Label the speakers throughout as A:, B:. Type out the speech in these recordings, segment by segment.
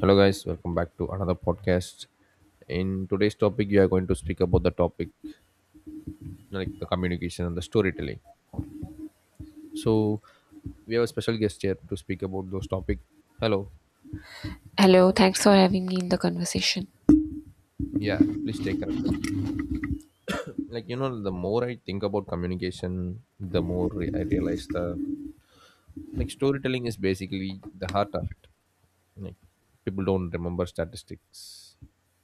A: Hello, guys. Welcome back to another podcast. In today's topic, we are going to speak about the topic like the communication and the storytelling. So, we have a special guest here to speak about those topics. Hello.
B: Hello, thanks for having me in the conversation.
A: Yeah, please stay connected. Like you know, the more I think about communication, I realize the like storytelling is basically the heart of it. Like people don't remember statistics,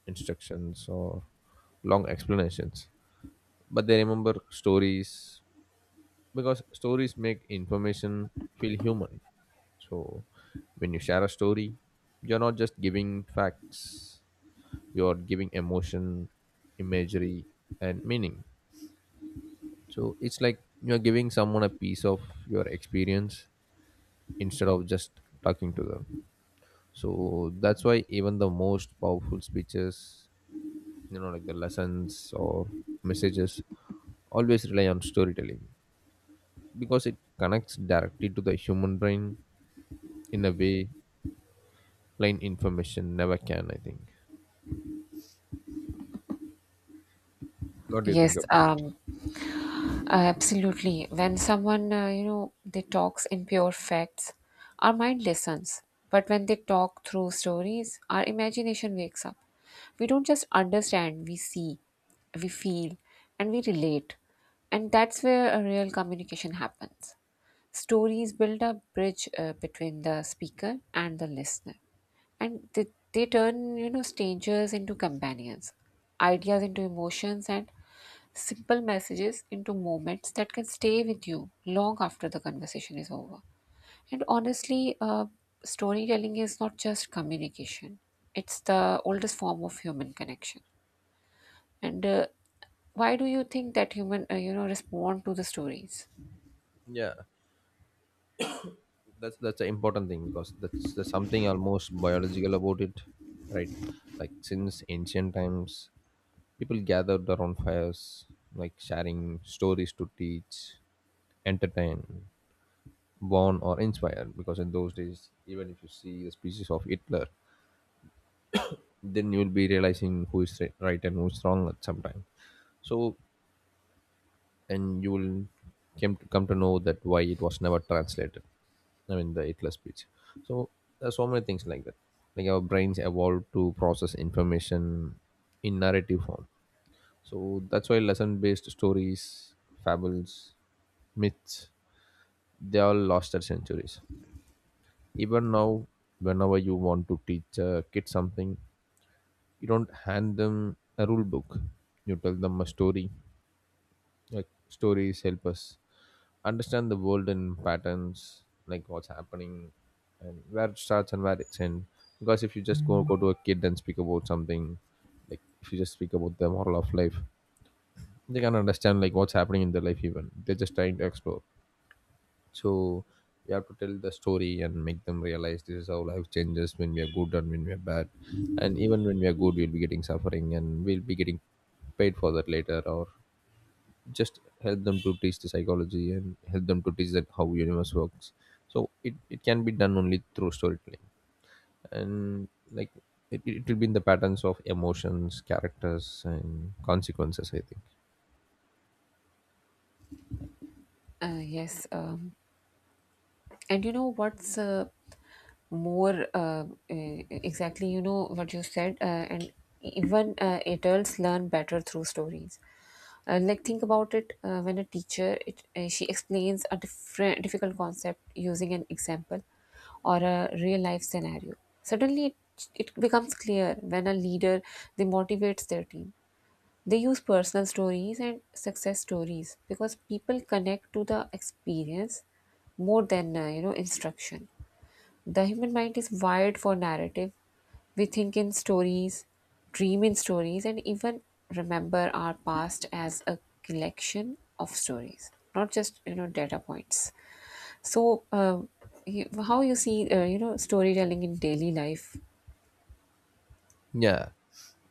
A: instructions, or long explanations, but they remember stories because stories make information feel human. So when you share a story, you're not just giving facts, you're giving emotion, imagery, and meaning. So it's like you're giving someone a piece of your experience instead of just talking to them. So that's why even the most powerful speeches, you know, like the lessons or messages, always rely on storytelling because it connects directly to the human brain in a way plain information never can I think. What do you think
B: Yes,
A: about it?
B: um, absolutely. When someone, they talks in pure facts, our mind listens. But when they talk through stories, our imagination wakes up. We don't just understand, we see, we feel, and we relate. And that's where a real communication happens. Stories build a bridge between the speaker and the listener. and they, they turn, strangers into companions, ideas into emotions, and simple messages into moments that can stay with you long after the conversation is over. And honestly, storytelling is not just communication, it's the oldest form of human connection. And why do you think that human, respond to the stories?
A: Yeah, that's an important thing because that's something almost biological about it, right? Like since ancient times, people gathered around fires, like sharing stories to teach, entertain, warn, or inspire. Because in those days, even if you see the species of Hitler, then you will be realizing who is right and who is wrong at some time. So, and you will came to come to know that why it was never translated, I mean, the Hitler speech. So there's so many things like that. Like our brains evolved to process information in narrative form. So that's why lesson-based stories, fables, myths, they all lost their centuries. Even now, whenever you want to teach a kid something, you don't hand them a rule book. You tell them a story. Like stories help us understand the world in patterns, like what's happening and where it starts and where it's end. Because if you just go to a kid and speak about something, like if you just speak about the moral of life, they can understand like what's happening in their life even. They're just trying to explore. So you have to tell the story and make them realize this is how life changes when we are good and when we are bad. And even when we are good, we'll be getting suffering and we'll be getting paid for that later. Or just help them to teach the psychology and help them to teach that how universe works, so it can be done only through storytelling. And like it will be in the patterns of emotions, characters, and consequences, I think.
B: uh, yes um, And you know what's, more exactly, you know what you said. And even, adults learn better through stories. Like think about it. When she explains a different difficult concept using an example or a real life scenario. Suddenly, it becomes clear. When a leader, they motivates their team, they use personal stories and success stories because people connect to the experience more than, you know, instruction. The human mind is wired for narrative. We think in stories, dream in stories, and even remember our past as a collection of stories, not just, you know, data points. So how you see, you know, storytelling in daily life?
A: Yeah,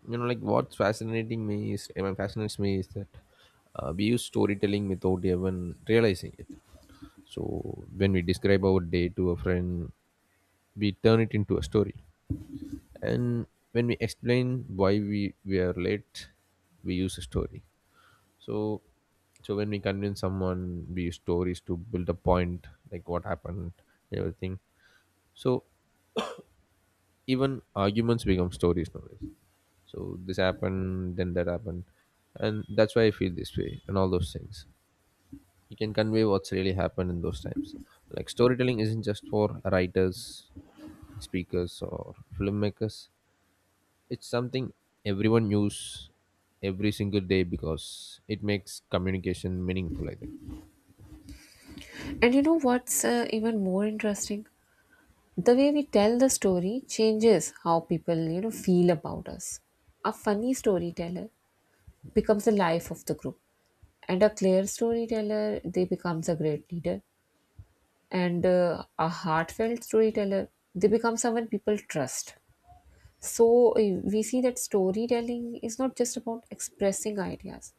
A: you know, like what's fascinating me is I mean, fascinates me is that we use storytelling without even realizing it. So when we describe our day to a friend, we turn it into a story. And when we explain why we are late, we use a story. So so when we convince someone, we use stories to build a point, like what happened and everything. So even arguments become stories nowadays. So this happened, then that happened, and that's why I feel this way and all those things. You can convey what's really happened in those times. Like storytelling isn't just for writers, speakers, or filmmakers. It's something everyone use every single day, because it makes communication meaningful. I
B: And you know what's, even more interesting, the way we tell the story changes how people, you know, feel about us. A funny storyteller becomes the life of the group, and a clear storyteller, they becomes a great leader, and a heartfelt storyteller, they become someone people trust. So, we see that storytelling is not just about expressing ideas,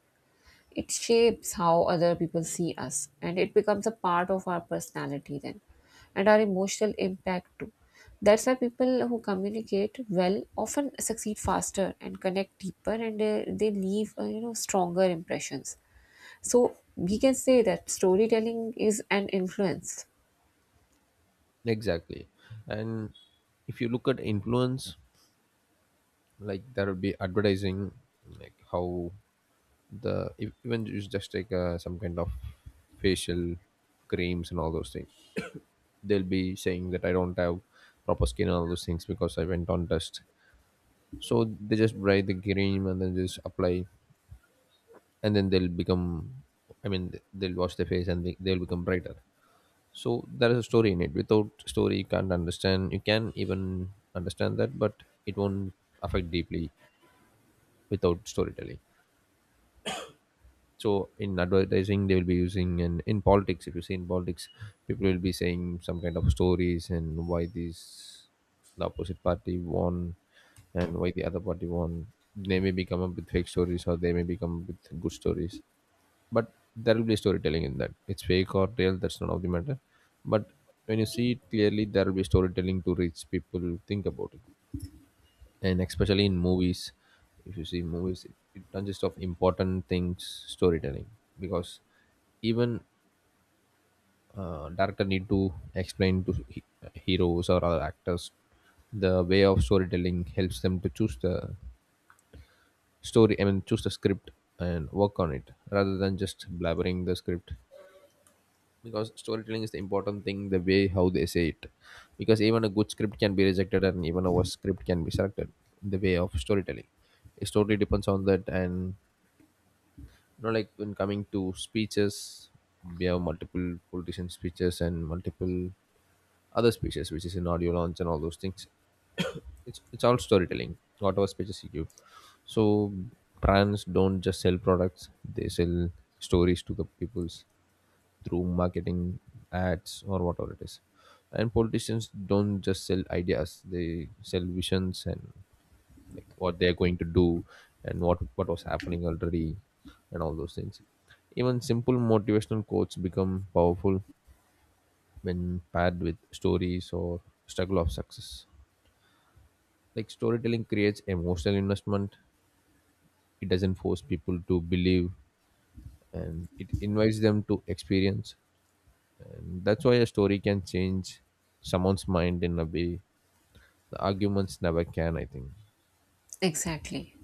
B: it shapes how other people see us, and it becomes a part of our personality then, and our emotional impact too. That's why people who communicate well often succeed faster and connect deeper, and they leave, you know, stronger impressions. So we can say that storytelling is an influence.
A: think exactly. And if you look at influence, like there will be advertising, like how the if- even you just take some kind of facial creams and all those things they'll be saying that I don't have proper skin and all those things because I went on dust. So they just buy the cream and then just apply, and then they'll become, I mean, they'll wash their face and they'll become brighter. So there is a story in it. Without story, you can't understand, you can even understand that, but it won't affect deeply without storytelling. So in advertising they will be using, and in politics, if you see in politics, people will be saying some kind of stories and why this, the opposite party won and why the other party won. They may be come up with fake stories or they may be come up with good stories, but there will be storytelling in that. It's fake or real, that's none of the matter. But when you see it clearly, there will be storytelling to reach people to think about it. And especially in movies, if you see movies, it consists of important things, storytelling. Because even director need to explain to heroes or other actors. The way of storytelling helps them to choose the story, I mean choose the script, and work on it rather than just blabbering the script. Because storytelling is the important thing, the way how they say it. Because even a good script can be rejected and even a worse script can be selected in the way of storytelling. It totally depends on that. And you know, like when coming to speeches, we have multiple politician speeches and multiple other speeches which is in audio launch and all those things. It's all storytelling, whatever speeches you give. So brands don't just sell products, they sell stories to the peoples through marketing, ads, or whatever it is. And politicians don't just sell ideas, they sell visions, and like what they're going to do and what was happening already and all those things. Even simple motivational quotes become powerful when paired with stories or struggle of success. Like storytelling creates emotional investment. It doesn't force people to believe, and it invites them to experience. And that's why a story can change someone's mind in a way the arguments never can, I think.
B: Exactly.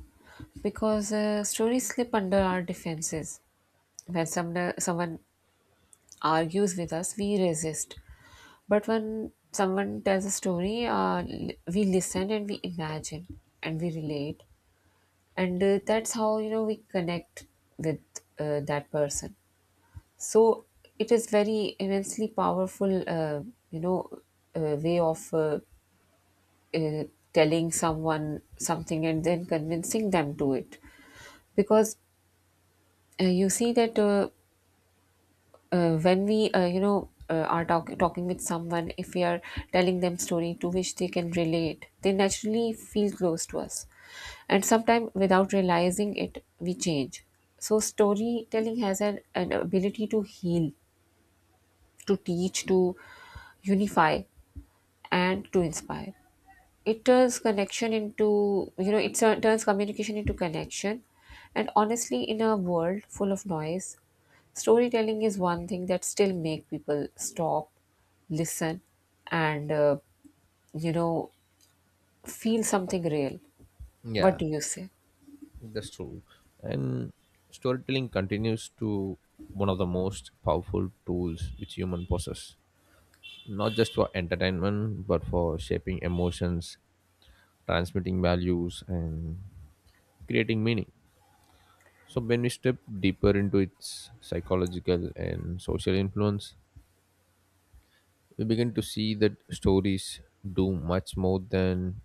B: Because, stories slip under our defenses. When someone argues with us, we resist. But when someone tells a story, we listen, and we imagine, and we relate, and that's how, you know, we connect with, that person. So it is very immensely powerful, you know, way of, uh, telling someone something and then convincing them to it. Because, you see that. When we you know, talking with someone, if we are telling them story to which they can relate, they naturally feel close to us, and sometimes without realizing it, we change. So storytelling has an ability to heal, to teach, to unify, and to inspire. It turns connection into you know it tur- turns communication into connection. And honestly, in a world full of noise, storytelling is one thing that still make people stop, listen, and you know, feel something real. What
A: Yeah,
B: do you say?
A: that's true. And storytelling continues to one of the most powerful tools which human possess. Not just for entertainment, but for shaping emotions, transmitting values, and creating meaning. So when we step deeper into its psychological and social influence, we begin to see that stories do much more than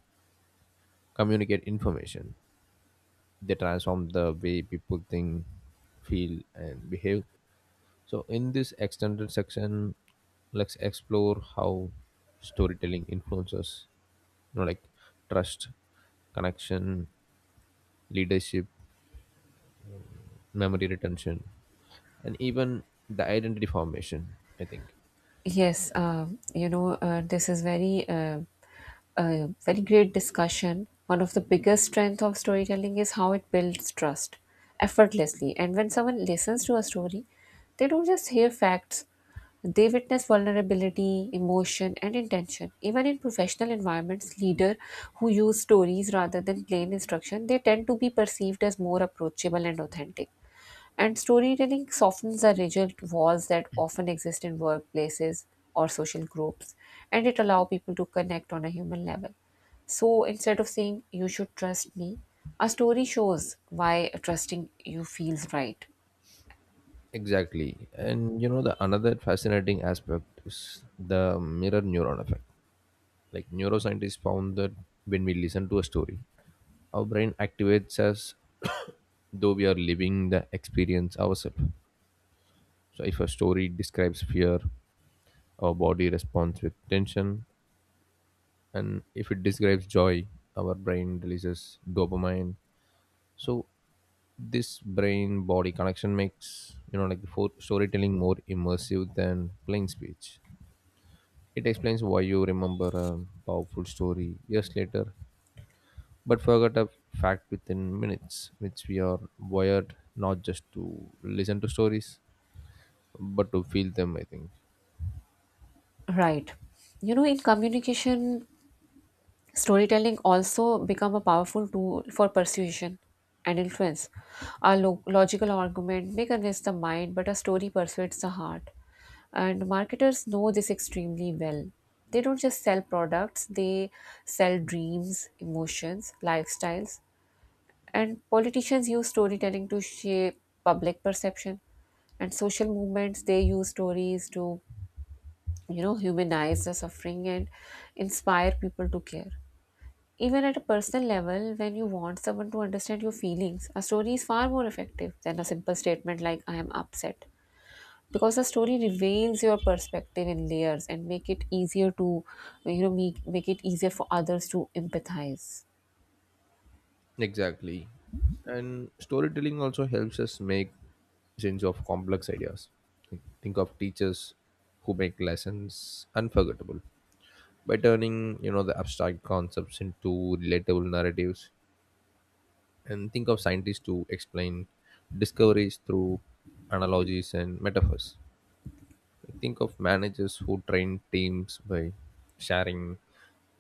A: communicate information. They transform the way people think, feel, and behave. So, in this extended section, let's explore how storytelling influences, you know, like trust, connection, leadership, memory retention, and even the identity formation, I think.
B: Yes. You know, this is very a very great discussion. One of the biggest strength of storytelling is how it builds trust effortlessly. And when someone listens to a story, they don't just hear facts; they witness vulnerability, emotion, and intention. Even in professional environments, leaders who use stories rather than plain instruction, they tend to be perceived as more approachable and authentic. And storytelling softens the rigid walls that often exist in workplaces or social groups, and it allows people to connect on a human level. So instead of saying, "You should trust me," a story shows why trusting you feels right.
A: Exactly, and you know, the another fascinating aspect is the mirror neuron effect. Like neuroscientists found that when we listen to a story, our brain activates us though we are living the experience ourselves. So if a story describes fear, our body responds with tension, and if it describes joy, our brain releases dopamine. So this brain body connection makes, you know, like storytelling more immersive than plain speech. It explains why you remember a powerful story years later but forgot a fact within minutes, which we are wired not just to listen to stories, but to feel them, I think.
B: Right. You know, in communication, storytelling also become a powerful tool for persuasion and influence. A logical argument may convince the mind, but a story persuades the heart. And marketers know this extremely well. They don't just sell products, they sell dreams, emotions, lifestyles. And politicians use storytelling to shape public perception. And social movements, they use stories to, you know, humanize the suffering and inspire people to care. Even at a personal level, when you want someone to understand your feelings, a story is far more effective than a simple statement like "I am upset," because a story reveals your perspective in layers and make it easier to, make it easier for others to empathize.
A: Exactly. And storytelling also helps us make sense of complex ideas. Think of teachers who make lessons unforgettable by turning, you know, the abstract concepts into relatable narratives. And think of scientists who explain discoveries through analogies and metaphors. I think of managers who train teams by sharing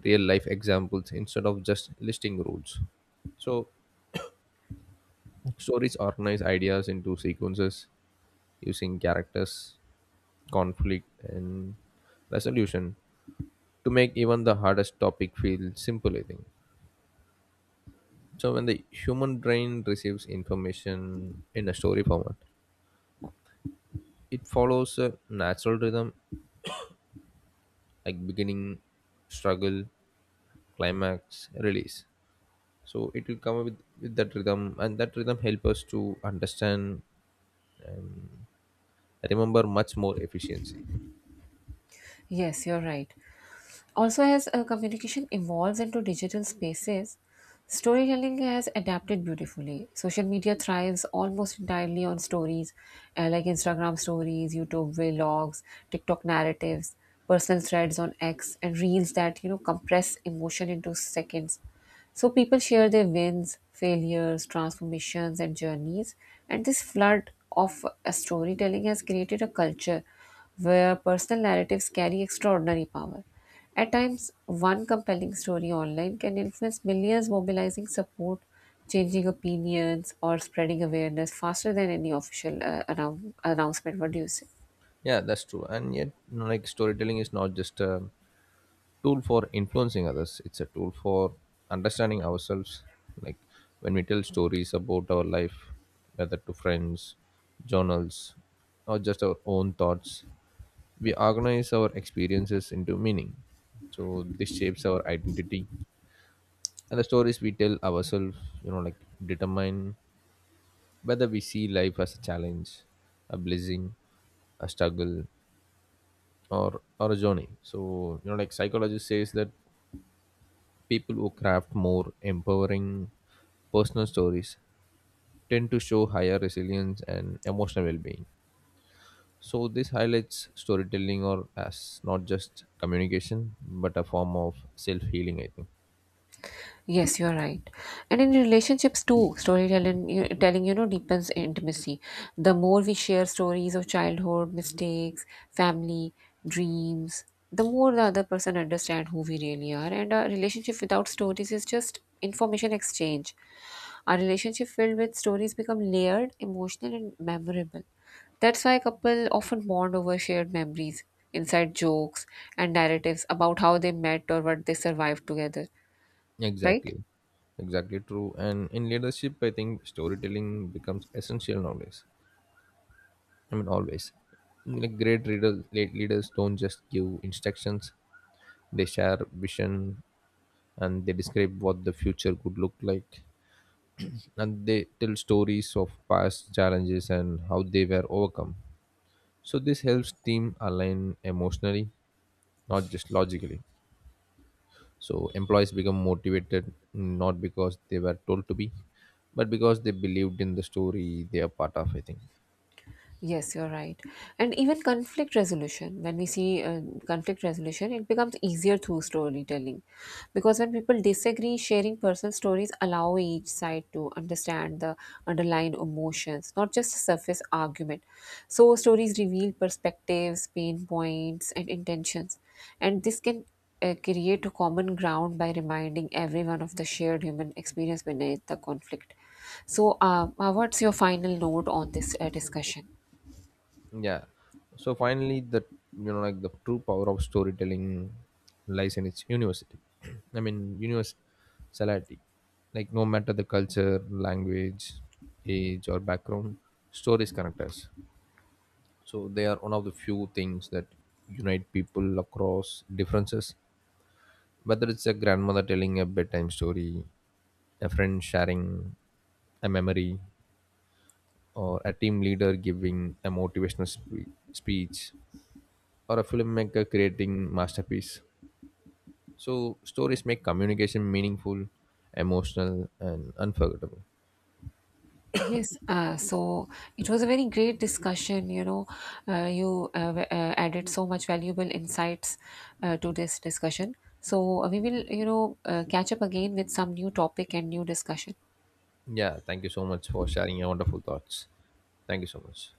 A: real life examples instead of just listing rules. So, stories organize ideas into sequences using characters, conflict, and resolution to make even the hardest topic feel simple, I think. So, when the human brain receives information in a story format, it follows a natural rhythm like beginning, struggle, climax, release. So it will come up with, that rhythm, and that rhythm help us to understand, remember much more efficiency.
B: Yes, you're right. Also, as, communication evolves into digital spaces, storytelling has adapted beautifully. Social media thrives almost entirely on stories, like Instagram stories, YouTube vlogs, TikTok narratives, personal threads on X, and reels that, you know, compress emotion into seconds. So people share their wins, failures, transformations, and journeys. And this flood of, storytelling has created a culture where personal narratives carry extraordinary power. At times, one compelling story online can influence millions, mobilizing support, changing opinions, or spreading awareness faster than any official, announcement. What do you say?
A: Yeah, that's true. And yet, you know, like storytelling is not just a tool for influencing others, it's a tool for understanding ourselves. Like when we tell stories about our life, whether to friends, journals, or just our own thoughts, we organize our experiences into meaning. So this shapes our identity, and the stories we tell ourselves, you know, like, determine whether we see life as a challenge, a blessing, a struggle, or a journey. So you know, like psychologist says that people who craft more empowering personal stories tend to show higher resilience and emotional well-being. So this highlights storytelling or as not just communication, but a form of self-healing, I think.
B: Yes, you're right. And in relationships too, storytelling, you, telling, you know, deepens intimacy. The more we share stories of childhood, mistakes, family, dreams, the more the other person understands who we really are. And a relationship without stories is just information exchange. A relationship filled with stories become layered, emotional, and memorable. That's why couples often bond over shared memories, inside jokes, and narratives about how they met or what they survived together, right?
A: Exactly exactly true. And in leadership, I think storytelling becomes essential nowadays, I mean, always. Like late leaders don't just give instructions; they share vision, and they describe what the future could look like, and they tell stories of past challenges and how they were overcome. So this helps team align emotionally, not just logically. So employees become motivated not because they were told to be, but because they believed in the story they are part of, I think.
B: Yes, you're right. And even conflict resolution, when we see, conflict resolution, it becomes easier through storytelling. Because when people disagree, sharing personal stories allow each side to understand the underlying emotions, not just surface argument. So, stories reveal perspectives, pain points, and intentions. And this can, create a common ground by reminding everyone of the shared human experience beneath the conflict. So, what's your final note on this, discussion?
A: Yeah. So finally, the, you know, like the true power of storytelling lies in its university. I mean, universality. Like no matter the culture, language, age, or background, stories connect us. So they are one of the few things that unite people across differences. Whether it's a grandmother telling a bedtime story, a friend sharing a memory, or a team leader giving a motivational speech, or a filmmaker creating masterpiece. So stories make communication meaningful, emotional, and unforgettable.
B: Yes. It was a very great discussion. You know, you added so much valuable insights, to this discussion. So, we will, you know, catch up again with some new topic and new discussion.
A: Yeah, thank you so much for sharing your wonderful thoughts. Thank you so much.